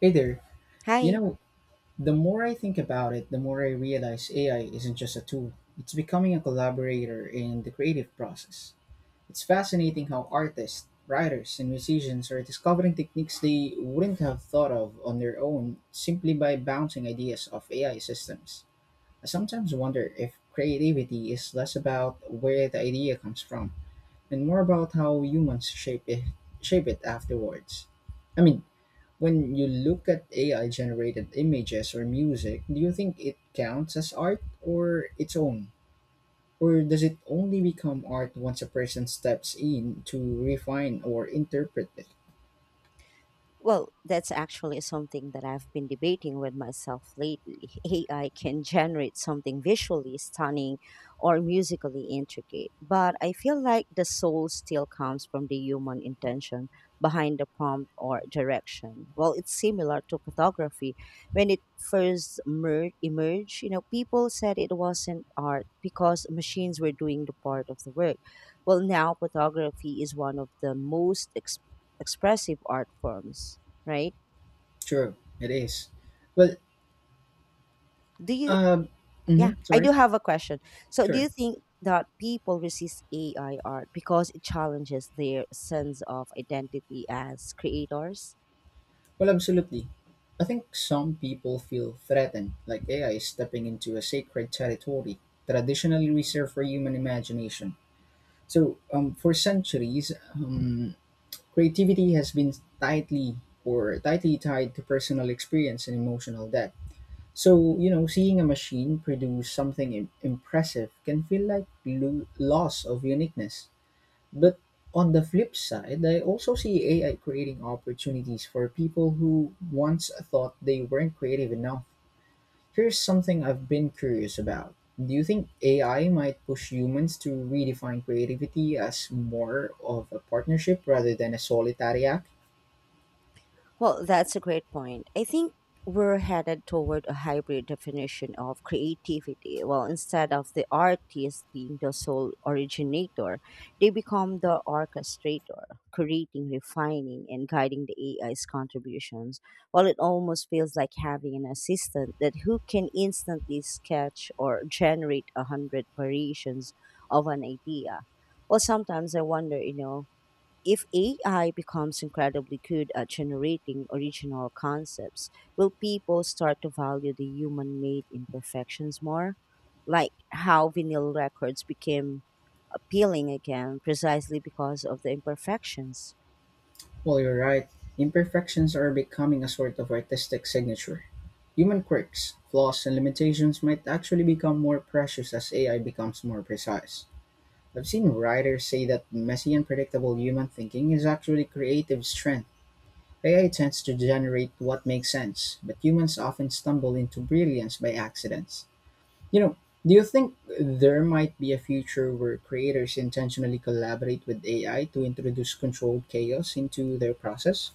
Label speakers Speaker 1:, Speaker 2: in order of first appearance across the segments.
Speaker 1: Hey there. You
Speaker 2: Hi.
Speaker 1: know, the more I think about it, the more I realize AI isn't just a tool. It's becoming a collaborator in the creative process. It's fascinating how artists, writers, and musicians are discovering techniques they wouldn't have thought of on their own simply by bouncing ideas off AI systems. I sometimes wonder if creativity is less about where the idea comes from and more about how humans shape it afterwards. I mean, when you look at AI generated images or music, do you think it counts as art or its own? Or does it only become art once a person steps in to refine or interpret it?
Speaker 2: Well, that's actually something that I've been debating with myself lately. AI can generate something visually stunning or musically intricate, but I feel like the soul still comes from the human intention behind the prompt or direction. Well, it's similar to photography. When it emerged, people said it wasn't art because machines were doing the part of the work. Well, now photography is one of the most expressive art forms, right?
Speaker 1: True, it is. Well,
Speaker 2: Do you,
Speaker 1: um,
Speaker 2: yeah,
Speaker 1: mhm,
Speaker 2: I do
Speaker 1: sorry,
Speaker 2: have a question. So, do
Speaker 1: sure.
Speaker 2: you think that people resist AI art because it challenges their sense of identity as creators?
Speaker 1: Well, absolutely. I think some people feel threatened, like AI is stepping into a sacred territory traditionally reserved for human imagination. So, for centuries, creativity has been tightly tightly tied to personal experience and emotional depth. So, you know, seeing a machine produce something impressive can feel like loss of uniqueness. But on the flip side, I also see AI creating opportunities for people who once thought they weren't creative enough. Here's something I've been curious about. Do you think AI might push humans to redefine creativity as more of a partnership rather than a solitary act?
Speaker 2: Well, that's a great point. I think we're headed toward a hybrid definition of creativity. Well, instead of the artist being the sole originator, they become the orchestrator, creating, refining, and guiding the AI's contributions. Well, it almost feels like having an assistant that who can instantly sketch or generate a hundred variations of an idea. Well, sometimes I wonder, if AI becomes incredibly good at generating original concepts, will people start to value the human made imperfections more? Like how vinyl records became appealing again precisely because of the imperfections.
Speaker 1: Well, you're right. Imperfections are becoming a sort of artistic signature. Human quirks, flaws, and limitations might actually become more precious as AI becomes more precise. I've seen writers say that messy and predictable human thinking is actually creative strength. AI tends to generate what makes sense, but humans often stumble into brilliance by accidents. You know, do you think there might be a future where creators intentionally collaborate with AI to introduce controlled chaos into their process?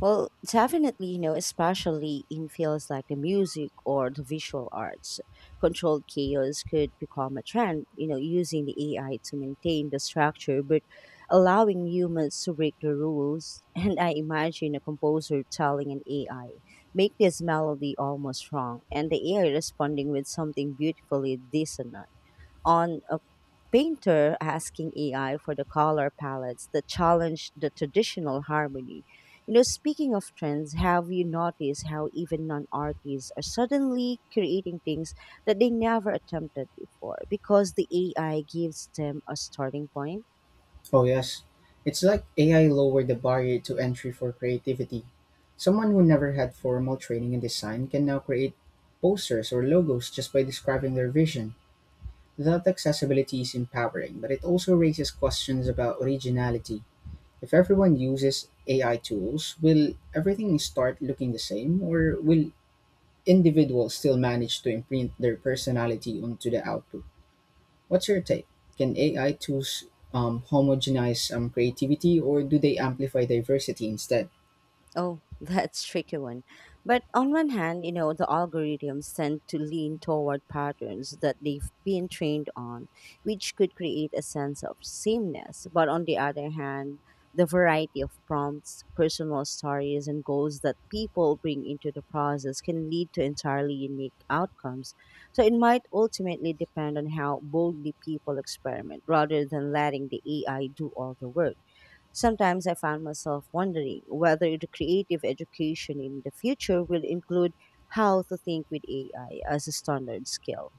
Speaker 2: Well, definitely, especially in fields like the music or the visual arts, controlled chaos could become a trend, using the AI to maintain the structure, but allowing humans to break the rules. And I imagine a composer telling an AI, make this melody almost wrong, and the AI responding with something beautifully dissonant on a painter asking AI for the color palettes that challenge the traditional harmony. Speaking of trends, have you noticed how even non artists are suddenly creating things that they never attempted before because the AI gives them a starting point?
Speaker 1: Oh, yes. It's like AI lowered the barrier to entry for creativity. Someone who never had formal training in design can now create posters or logos just by describing their vision. That accessibility is empowering, but it also raises questions about originality. If everyone uses AI tools, will everything start looking the same, or will individuals still manage to imprint their personality onto the output? What's your take? Can AI tools homogenize creativity or do they amplify diversity instead?
Speaker 2: Oh, that's tricky one. But on one hand, the algorithms tend to lean toward patterns that they've been trained on, which could create a sense of sameness. But on the other hand, the variety of prompts, personal stories, and goals that people bring into the process can lead to entirely unique outcomes. So it might ultimately depend on how boldly people experiment rather than letting the AI do all the work. Sometimes I found myself wondering whether the creative education in the future will include how to think with AI as a standard skill.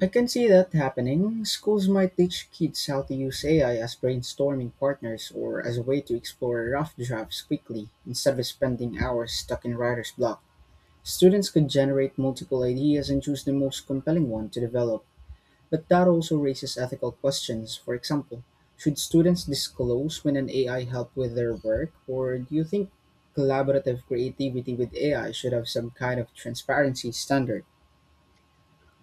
Speaker 1: I can see that happening. Schools might teach kids how to use AI as brainstorming partners or as a way to explore rough drafts quickly instead of spending hours stuck in writer's block. Students could generate multiple ideas and choose the most compelling one to develop. But that also raises ethical questions. For example, should students disclose when an AI helped with their work, or do you think collaborative creativity with AI should have some kind of transparency standard?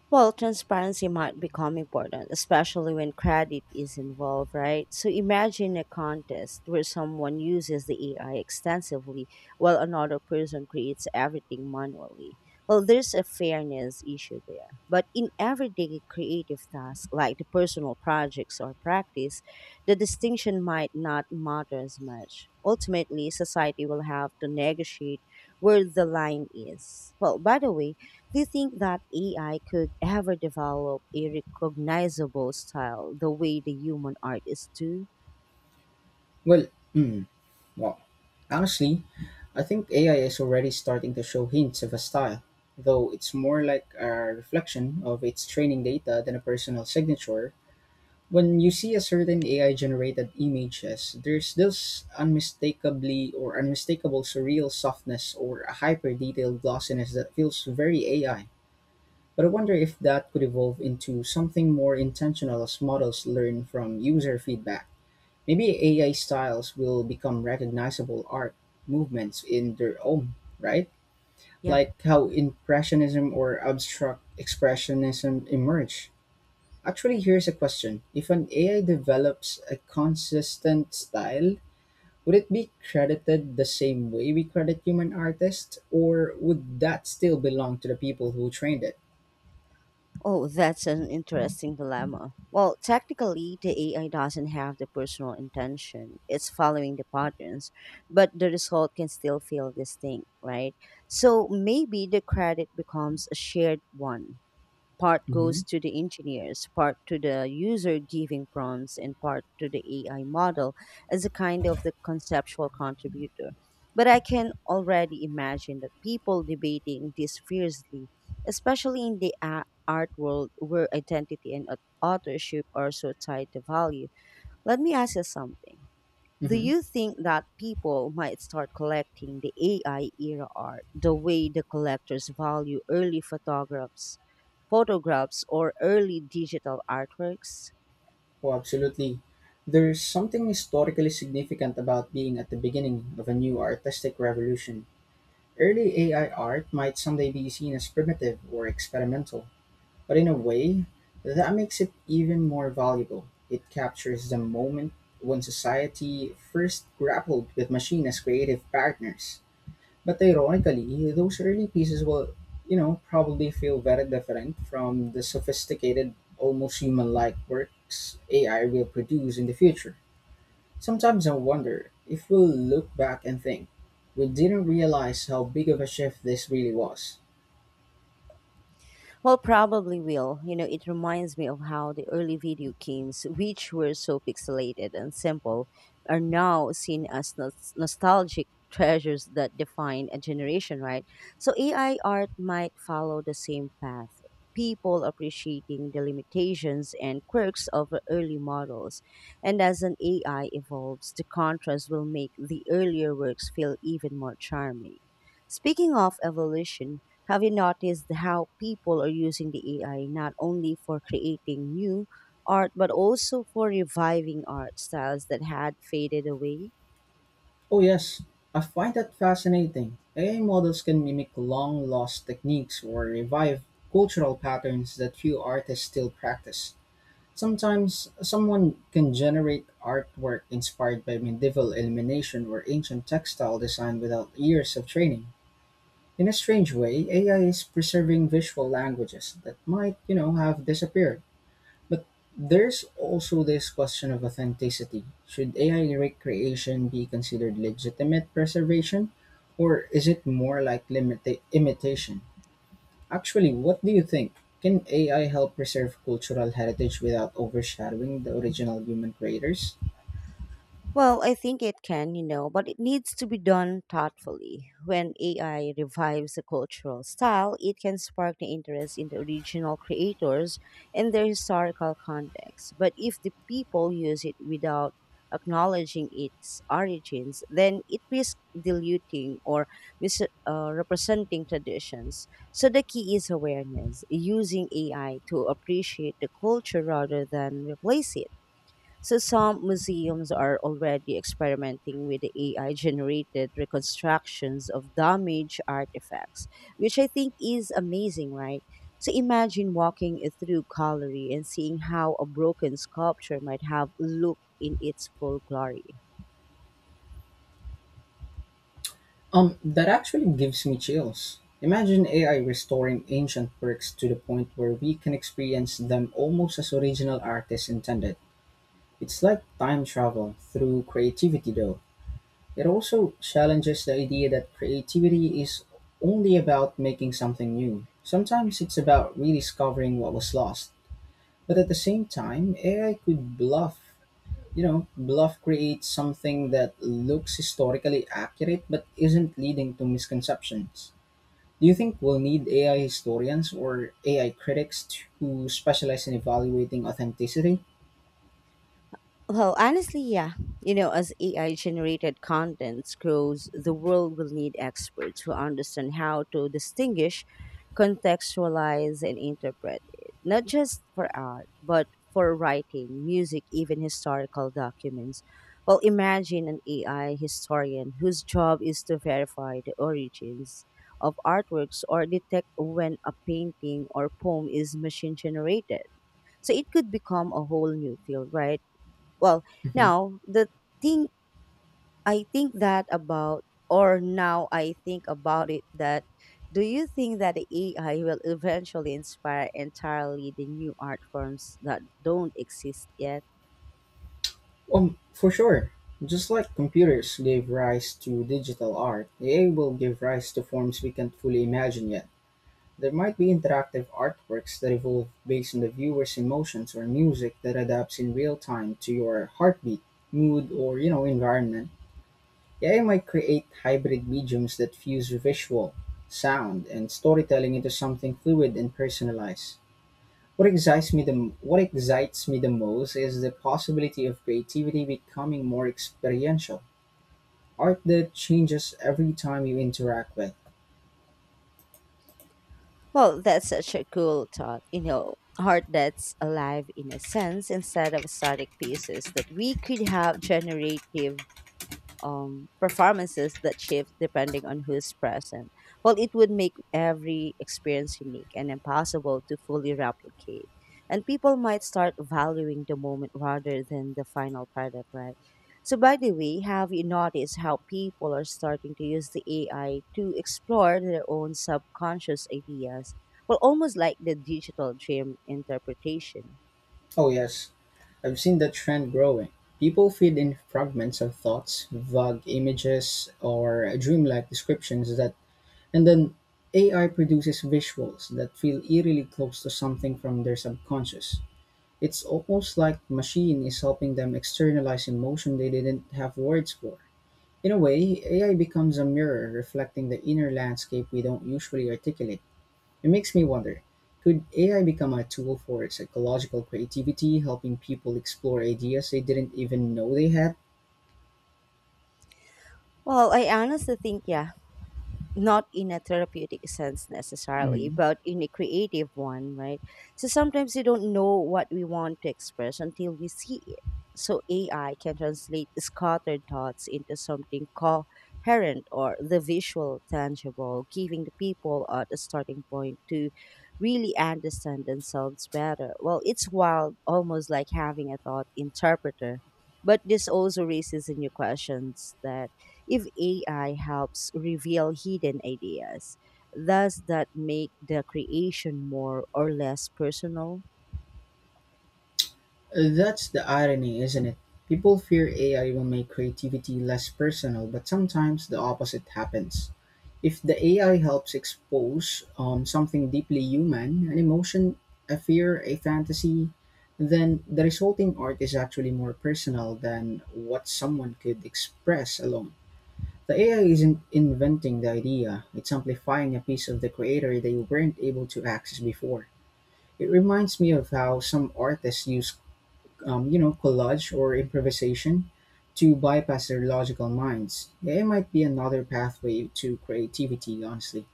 Speaker 2: Well, transparency might become important, especially when credit is involved, right? So imagine a contest where someone uses the AI extensively while another person creates everything manually. Well, there's a fairness issue there. But in everyday creative tasks like the personal projects or practice, the distinction might not matter as much. Ultimately, society will have to negotiate where the line is. Well, by the way, do you think that AI could ever develop a recognizable style the way the human artists do?
Speaker 1: Well, hmm, well, Honestly, I think AI is already starting to show hints of a style, though it's more like a reflection of its training data than a personal signature when you see a certain AI generated images. There's this unmistakably or unmistakable surreal softness or a hyper detailed glossiness that feels very AI. But I wonder if that could evolve into something more intentional as models learn from user feedback. Maybe AI styles will become recognizable art movements in their own, right?
Speaker 2: Yeah.
Speaker 1: Like how Impressionism or abstract expressionism emerged. Actually, here's a question. If an AI develops a consistent style, would it be credited the same way we credit human artists, or would that still belong to the people who trained it?
Speaker 2: Oh, that's an interesting dilemma. Well, technically, the AI doesn't have the personal intention. It's following the patterns, but the result can still feel distinct, right? So maybe the credit becomes a shared one. Part
Speaker 1: Mm-hmm.
Speaker 2: goes to the engineers, part to the user giving prompts, and part to the AI model as a kind of the conceptual contributor. But I can already imagine that people debating this fiercely, especially in the art world where identity and authorship are so tied to value. Let me ask you something. Do
Speaker 1: Mm-hmm.
Speaker 2: you think that people might start collecting the AI era art the way the collectors value early photographs or early digital artworks?
Speaker 1: Oh, absolutely. There's something historically significant about being at the beginning of a new artistic revolution. Early AI art might someday be seen as primitive or experimental, but in a way, that makes it even more valuable. It captures the moment when society first grappled with machine as creative partners. But ironically, those early pieces will, you know, probably feel very different from the sophisticated, almost human-like works AI will produce in the future. Sometimes I wonder if we'll look back and think, we didn't realize how big of a shift this really was.
Speaker 2: Well, probably will. It reminds me of how the early video games, which were so pixelated and simple, are now seen as nostalgic treasures that define a generation, right? So AI art might follow the same path. People appreciating the limitations and quirks of the early models. And as an AI evolves, the contrast will make the earlier works feel even more charming. Speaking of evolution, have you noticed how people are using the AI not only for creating new art, but also for reviving art styles that had faded away?
Speaker 1: Oh, yes, I find that fascinating. AI models can mimic long lost techniques or revive cultural patterns that few artists still practice. Sometimes someone can generate artwork inspired by medieval illumination or ancient textile design without years of training. In a strange way, AI is preserving visual languages that might, you know, have disappeared. But there's also this question of authenticity. Should AI recreation be considered legitimate preservation, or is it more like imitation? Actually, what do you think? Can AI help preserve cultural heritage without overshadowing the original human creators?
Speaker 2: Well, I think it can, but it needs to be done thoughtfully. When AI revives a cultural style, it can spark the interest in the original creators and their historical context. But if the people use it without acknowledging its origins, then it risks diluting or representing traditions. So the key is awareness, using AI to appreciate the culture rather than replace it. So some museums are already experimenting with the AI generated reconstructions of damaged artifacts, which I think is amazing, right? So imagine walking through gallery and seeing how a broken sculpture might have looked in its full glory.
Speaker 1: That actually gives me chills. Imagine AI restoring ancient works to the point where we can experience them almost as original artists intended. It's like time travel through creativity, though. It also challenges the idea that creativity is only about making something new. Sometimes it's about rediscovering what was lost. But at the same time, AI could bluff create something that looks historically accurate but isn't, leading to misconceptions. Do you think we'll need AI historians or AI critics who specialize in evaluating authenticity?
Speaker 2: Well, honestly, yeah. As AI generated content grows, the world will need experts who understand how to distinguish, contextualize, and interpret it, not just for art, but for writing, music, even historical documents. Well, imagine an AI historian whose job is to verify the origins of artworks or detect when a painting or poem is machine generated. So it could become a whole new field, right? Well, now the thing I think that about, or now I think about it that, do you think that the AI will eventually inspire entirely the new art forms that don't exist yet?
Speaker 1: For sure. Just like computers gave rise to digital art, AI will give rise to forms we can't fully imagine yet. There might be interactive artworks that evolve based on the viewer's emotions or music that adapts in real time to your heartbeat, mood, or, you know, environment. AI might create hybrid mediums that fuse visual, sound, and storytelling into something fluid and personalized. What excites me the what excites me the most is the possibility of creativity becoming more experiential. Art that changes every time you interact with.
Speaker 2: Well, that's such a cool thought, art that's alive in a sense instead of static pieces that we could have generative performances that shift depending on who's present. Well, it would make every experience unique and impossible to fully replicate. And people might start valuing the moment rather than the final product, right? So, by the way, have you noticed how people are starting to use the AI to explore their own subconscious ideas? Well, almost like the digital dream interpretation.
Speaker 1: Oh yes, I've seen the trend growing. People feed in fragments of thoughts, vague images, or dreamlike descriptions, that and then AI produces visuals that feel eerily close to something from their subconscious. It's almost like machine is helping them externalize emotion they didn't have words for. In a way, AI becomes a mirror reflecting the inner landscape we don't usually articulate. It makes me wonder, could AI become a tool for psychological creativity, helping people explore ideas they didn't even know they had?
Speaker 2: Well, I honestly think, yeah, not in a therapeutic sense necessarily,
Speaker 1: Mhm.
Speaker 2: but in a creative one, right? So sometimes we don't know what we want to express until we see it. So AI can translate scattered thoughts into something coherent or the visual, tangible, giving the people at a starting point to really understand themselves better. Well, it's wild, almost like having a thought interpreter. But this also raises a new questions that if AI helps reveal hidden ideas. Does that make the creation more or less personal?
Speaker 1: That's the irony, isn't it? People fear AI will make creativity less personal, but sometimes the opposite happens. If the AI helps expose something deeply human, an emotion, a fear, a fantasy, then the resulting art is actually more personal than what someone could express alone. The AI isn't inventing the idea, it's amplifying a piece of the creator they weren't able to access before. It reminds me of how some artists use, you know, collage or improvisation to bypass their logical minds. AI might be another pathway to creativity, honestly.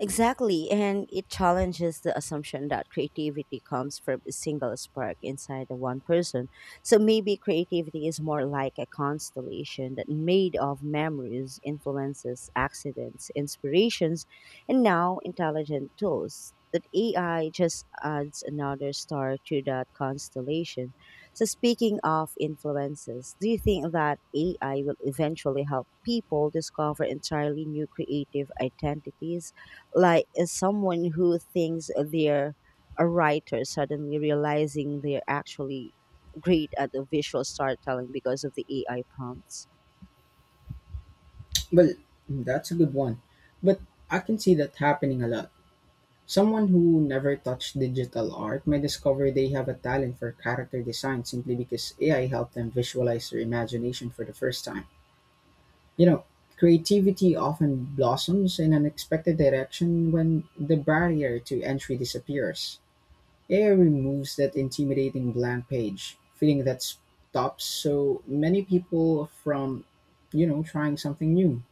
Speaker 2: Exactly, and it challenges the assumption that creativity comes from a single spark inside the one person. So maybe creativity is more like a constellation that made of memories, influences, accidents, inspirations, and now intelligent tools. That AI just adds another star to that constellation. So, speaking of influences, do you think that AI will eventually help people discover entirely new creative identities? Like as someone who thinks they're a writer suddenly realizing they're actually great at the visual storytelling because of the AI prompts.
Speaker 1: Well, that's a good one. But I can see that happening a lot. Someone who never touched digital art may discover they have a talent for character design simply because AI helped them visualize their imagination for the first time. You know, creativity often blossoms in an unexpected direction when the barrier to entry disappears. AI removes that intimidating blank page, feeling that stops so many people from, you know, trying something new.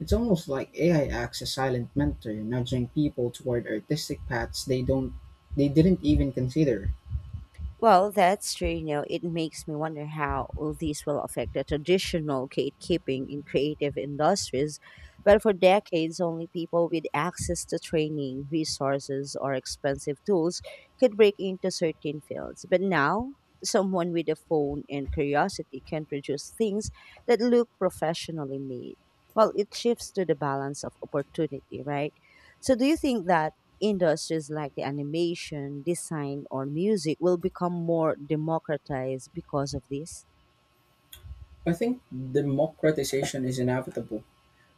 Speaker 1: It's almost like AI acts as silent mentor, nudging people toward artistic paths they didn't even consider.
Speaker 2: Well, that's true. It makes me wonder how these will affect the traditional gatekeeping in creative industries. But for decades, only people with access to training, resources, or expensive tools could break into certain fields. But now, someone with a phone and curiosity can produce things that look professionally made. Well, it shifts to the balance of opportunity, right? So, do you think that? Industries like the animation, design, or music will become more democratized because of this?
Speaker 1: I think democratization is inevitable.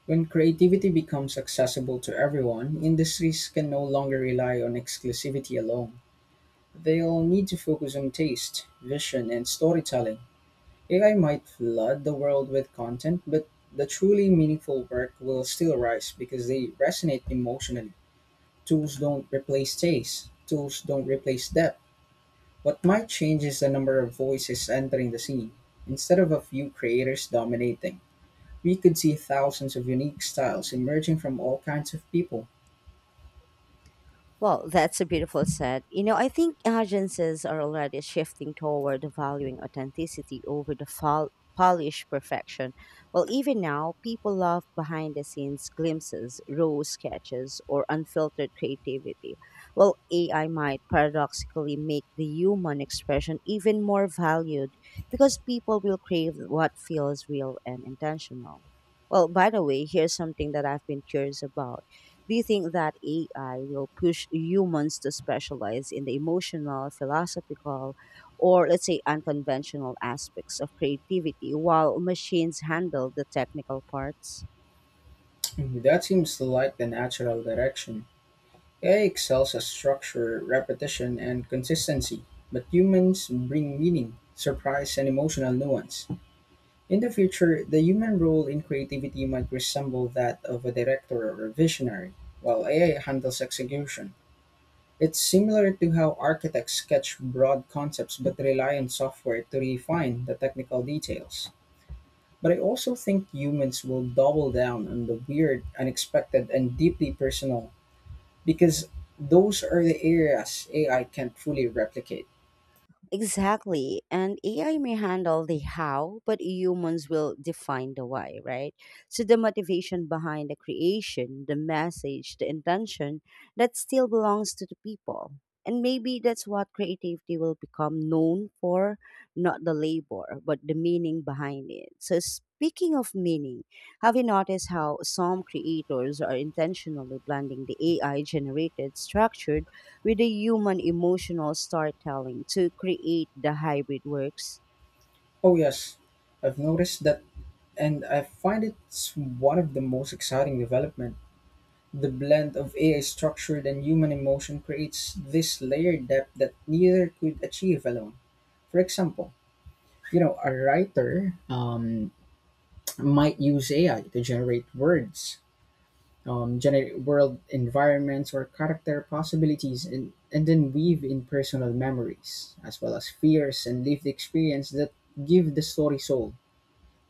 Speaker 1: When creativity becomes accessible to everyone, industries can no longer rely on exclusivity alone. They'll need to focus on taste, vision, and storytelling. AI might flood the world with content, but the truly meaningful work will still rise because they resonate emotionally. Tools don't replace taste, tools don't replace depth. What might change is the number of voices entering the scene. Instead of a few creators dominating, we could see thousands of unique styles emerging from all kinds of people.
Speaker 2: Well, that's a beautiful set. I think agencies are already shifting toward valuing authenticity over the polished perfection. Well, even now, people love behind the scenes glimpses, raw sketches, or unfiltered creativity. Well, AI might paradoxically make the human expression even more valued because people will crave what feels real and intentional. Well, by the way, here's something that I've been curious about. Do you think that AI will push humans to specialize in the emotional, philosophical, or let's say unconventional aspects of creativity while machines handle the technical parts?
Speaker 1: Mm-hmm. That seems like the natural direction. AI excels at structure, repetition, and consistency, but humans bring meaning, surprise, and emotional nuance. In the future, the human role in creativity might resemble that of a director or a visionary, while AI handles execution. It's similar to how architects sketch broad concepts but rely on software to refine the technical details. But I also think humans will double down on the weird, unexpected, and deeply personal because those are the areas AI can't fully replicate.
Speaker 2: Exactly. And AI may handle the how, but humans will define the why, right? So the motivation behind the creation, the message, the intention, that still belongs to the people. And maybe that's what creativity will become known for, not the labor, but the meaning behind it. So speaking of meaning, have you noticed how some creators are intentionally blending the AI generated structured with the human emotional storytelling to create the hybrid works?
Speaker 1: Oh, yes, I've noticed that, and I find it's one of the most exciting developments. The blend of AI-structured and human emotion creates this layered depth that neither could achieve alone. For example, you know, a writer might use AI to generate world environments or character possibilities, and then weave in personal memories, as well as fears and lived experience that give the story soul.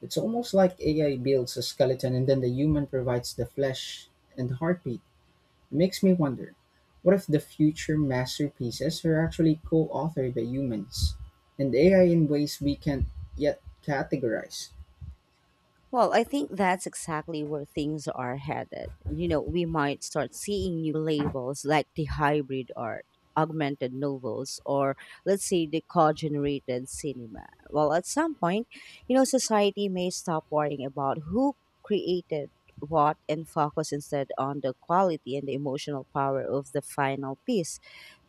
Speaker 1: It's almost like AI builds a skeleton and then the human provides the flesh and heartbeat. Makes me wonder, what if the future masterpieces are actually co-authored by humans and AI in ways we can't yet categorize?
Speaker 2: Well, I think that's exactly where things are headed. We might start seeing new labels like the hybrid art, augmented novels, or let's say the co-generated cinema. Well, at some point, society may stop worrying about who created what and focus instead on the quality and the emotional power of the final piece.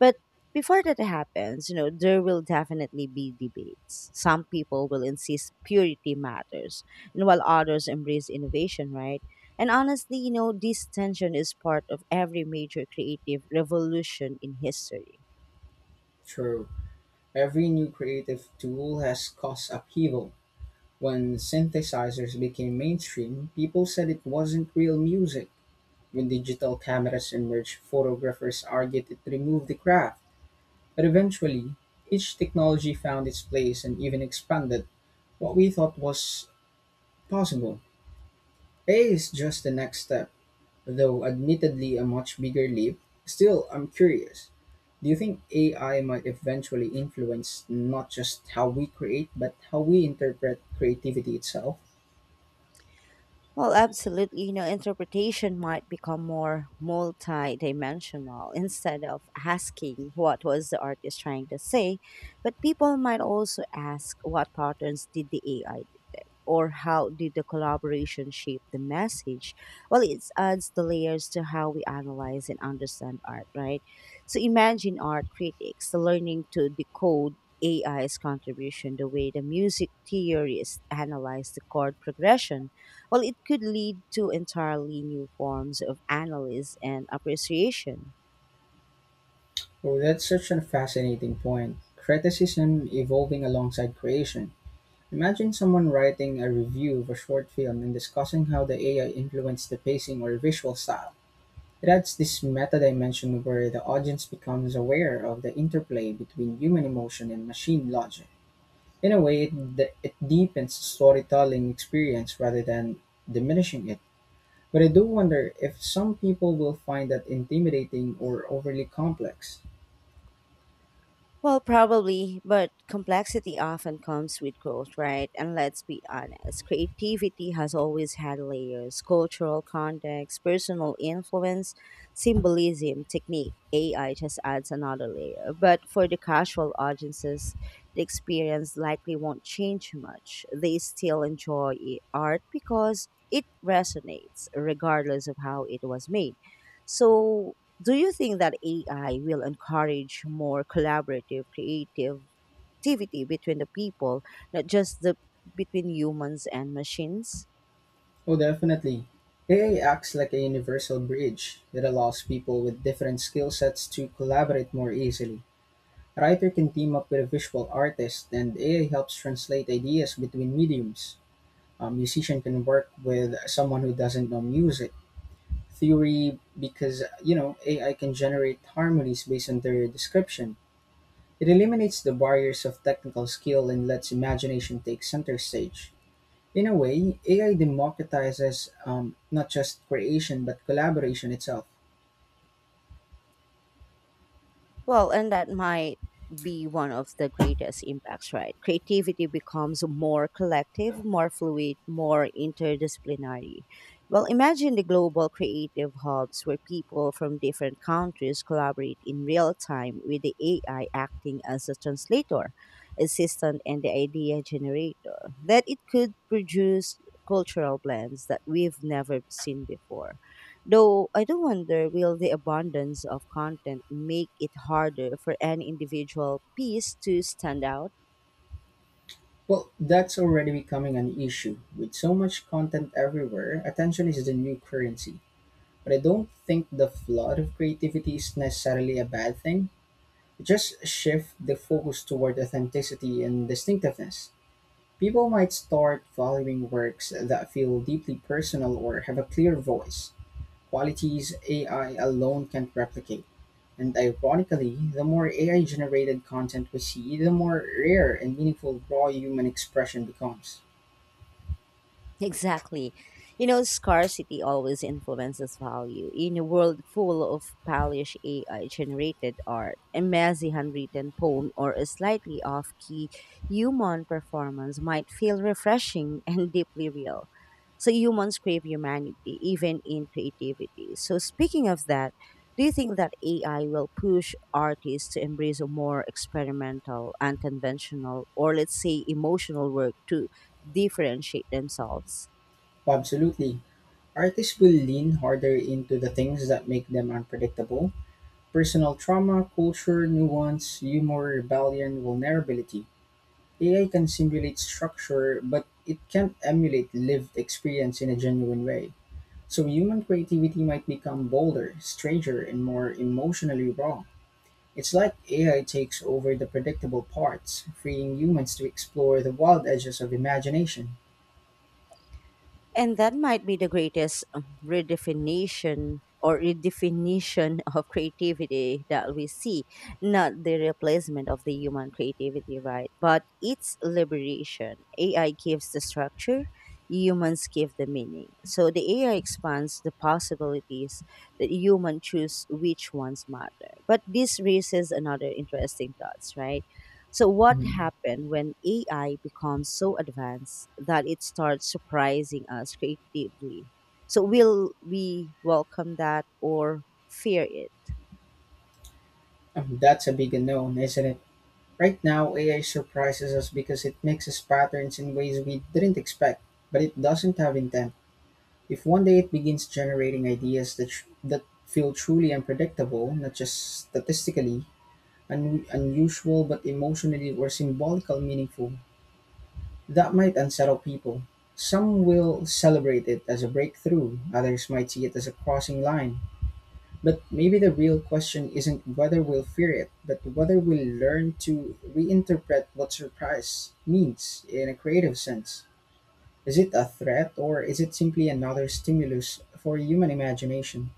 Speaker 2: But before that happens, there will definitely be debates. Some people will insist purity matters and while others embrace innovation, right? And honestly, this tension is part of every major creative revolution in history.
Speaker 1: True, every new creative tool has caused upheaval. When synthesizers became mainstream, people said it wasn't real music. When digital cameras emerged, photographers argued it removed the craft. But eventually, each technology found its place and even expanded what we thought was possible. AI is just the next step, though admittedly a much bigger leap. Still, I'm curious. Do you think AI might eventually influence not just how we create, but how we interpret creativity itself?
Speaker 2: Well, absolutely. You know, interpretation might become more multidimensional instead of asking what was the artist trying to say. But people might also ask what patterns did the AI detect, or how did the collaboration shape the message? Well, it adds the layers to how we analyze and understand art, right? So imagine art critics learning to decode AI's contribution the way the music theorists analyze the chord progression. Well, it could lead to entirely new forms of analysis and appreciation.
Speaker 1: Well, that's such a fascinating point. Criticism evolving alongside creation. Imagine someone writing a review of a short film and discussing how the AI influenced the pacing or visual style. It adds this meta dimension where the audience becomes aware of the interplay between human emotion and machine logic. In a way, it deepens the storytelling experience rather than diminishing it. But I do wonder if some people will find that intimidating or overly complex.
Speaker 2: Well, probably, but complexity often comes with growth, right? And let's be honest, creativity has always had layers: cultural context, personal influence, symbolism, technique. AI just adds another layer. But for the casual audiences, the experience likely won't change much. They still enjoy art because it resonates, regardless of how it was made. So, do you think that AI will encourage more collaborative creative activity between the people, not just the between humans and machines?
Speaker 1: Oh, definitely. AI acts like a universal bridge that allows people with different skill sets to collaborate more easily. A writer can team up with a visual artist, and AI helps translate ideas between mediums. A musician can work with someone who doesn't know music theory because AI can generate harmonies based on their description. It eliminates the barriers of technical skill and lets imagination take center stage. In a way, AI democratizes not just creation but collaboration itself.
Speaker 2: Well, and that might be one of the greatest impacts, right? Creativity becomes more collective, more fluid, more interdisciplinary. Well, imagine the global creative hubs where people from different countries collaborate in real time, with the AI acting as a translator, assistant, and the idea generator. That it could produce cultural blends that we've never seen before. Though I do wonder, will the abundance of content make it harder for any individual piece to stand out?
Speaker 1: Well, that's already becoming an issue. With so much content everywhere, attention is the new currency. But I don't think the flood of creativity is necessarily a bad thing. Just shift the focus toward authenticity and distinctiveness. People might start valuing works that feel deeply personal or have a clear voice, qualities AI alone can't replicate. And ironically, the more AI generated content we see, the more rare and meaningful raw human expression becomes.
Speaker 2: Exactly. You know, scarcity always influences value. In a world full of polished AI generated art, a messy handwritten poem, or a slightly off key human performance might feel refreshing and deeply real. So, humans crave humanity, even in creativity. So, speaking of that, do you think that AI will push artists to embrace a more experimental, unconventional, or let's say emotional work too? Differentiate themselves.
Speaker 1: Absolutely, artists will lean harder into the things that make them unpredictable personal trauma, culture, nuance, humor, rebellion, vulnerability. AI can simulate structure, but it can't emulate lived experience in a genuine way. So human creativity might become bolder, stranger, and more emotionally raw. It's like AI takes over the predictable parts, freeing humans to explore the wild edges of imagination.
Speaker 2: And that might be the greatest redefinition or redefinition of creativity that we see, not the replacement of the human creativity, right? But its liberation. AI gives the structure, humans give the meaning. So the AI expands the possibilities that human choose which ones matter. But this raises another interesting thoughts, right? So, what
Speaker 1: Mhm.
Speaker 2: happened when AI becomes so advanced that it starts surprising us creatively? So, will we welcome that or fear it?
Speaker 1: That's a big unknown, isn't it? Right now, AI surprises us because it mixes patterns in ways we didn't expect, but it doesn't have intent. If one day it begins generating ideas that feel truly unpredictable, not just statistically unusual, but emotionally or symbolically meaningful, that might unsettle people. Some will celebrate it as a breakthrough, others might see it as a crossing line. But maybe the real question isn't whether we'll fear it, but whether we'll learn to reinterpret what surprise means in a creative sense. Is it a threat or is it simply another stimulus for human imagination?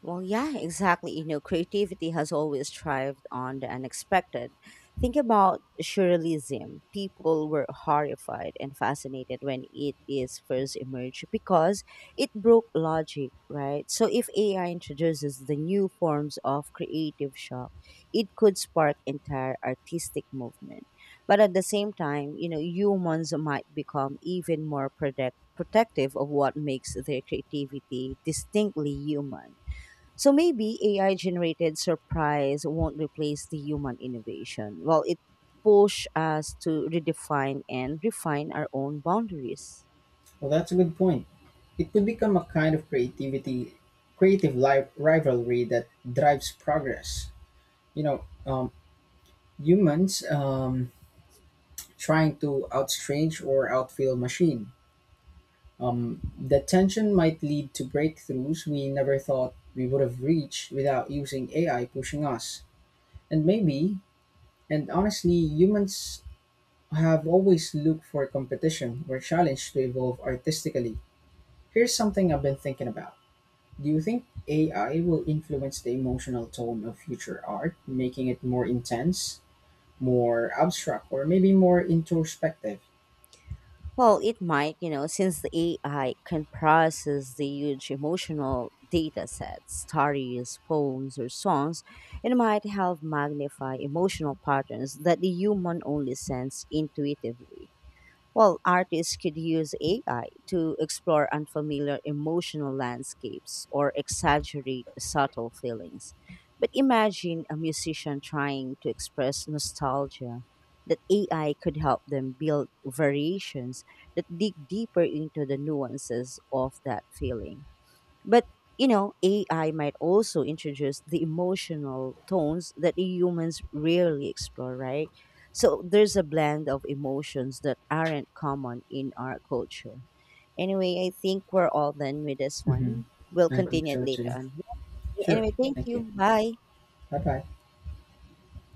Speaker 2: Well, yeah, exactly. You know, creativity has always thrived on the unexpected. Think about surrealism. People were horrified and fascinated when it is first emerged because it broke logic, right? So, if AI introduces the new forms of creative shock, it could spark entire artistic movement. But at the same time, you know, humans might become even more protective of what makes their creativity distinctly human. So maybe AI generated surprise won't replace the human innovation. Well, it push us to redefine and refine our own boundaries.
Speaker 1: Well, that's a good point. It could become a kind of rivalry that drives progress. You know, um, humans trying to outstrange or outfill machine. The tension might lead to breakthroughs we never thought we would have reached without using AI pushing us. And maybe, and honestly, humans I have always looked for competition or challenge to evolve artistically. Here's something I've been thinking about. Do you think AI will influence the emotional tone of future art, making it more intense, more abstract, or maybe more introspective?
Speaker 2: Well, it might, you know, since the AI can process the huge emotional data sets, stories, poems, or songs, it might help magnify emotional patterns that the human only sense intuitively. Well, artists could use AI to explore unfamiliar emotional landscapes or exaggerate subtle feelings. But imagine a musician trying to express nostalgia, that AI could help them build variations that dig deeper into the nuances of that feeling. But you know, AI might also introduce the emotional tones that humans rarely explore, right? So there's a blend of emotions that aren't common in our culture. Anyway, I think we're all done with this
Speaker 1: Hmm.
Speaker 2: one. We'll
Speaker 1: I think
Speaker 2: continue it
Speaker 1: so
Speaker 2: later
Speaker 1: too.
Speaker 2: on.
Speaker 1: Sure.
Speaker 2: Anyway, thank
Speaker 1: Thank you.
Speaker 2: you. Bye.
Speaker 1: Bye bye.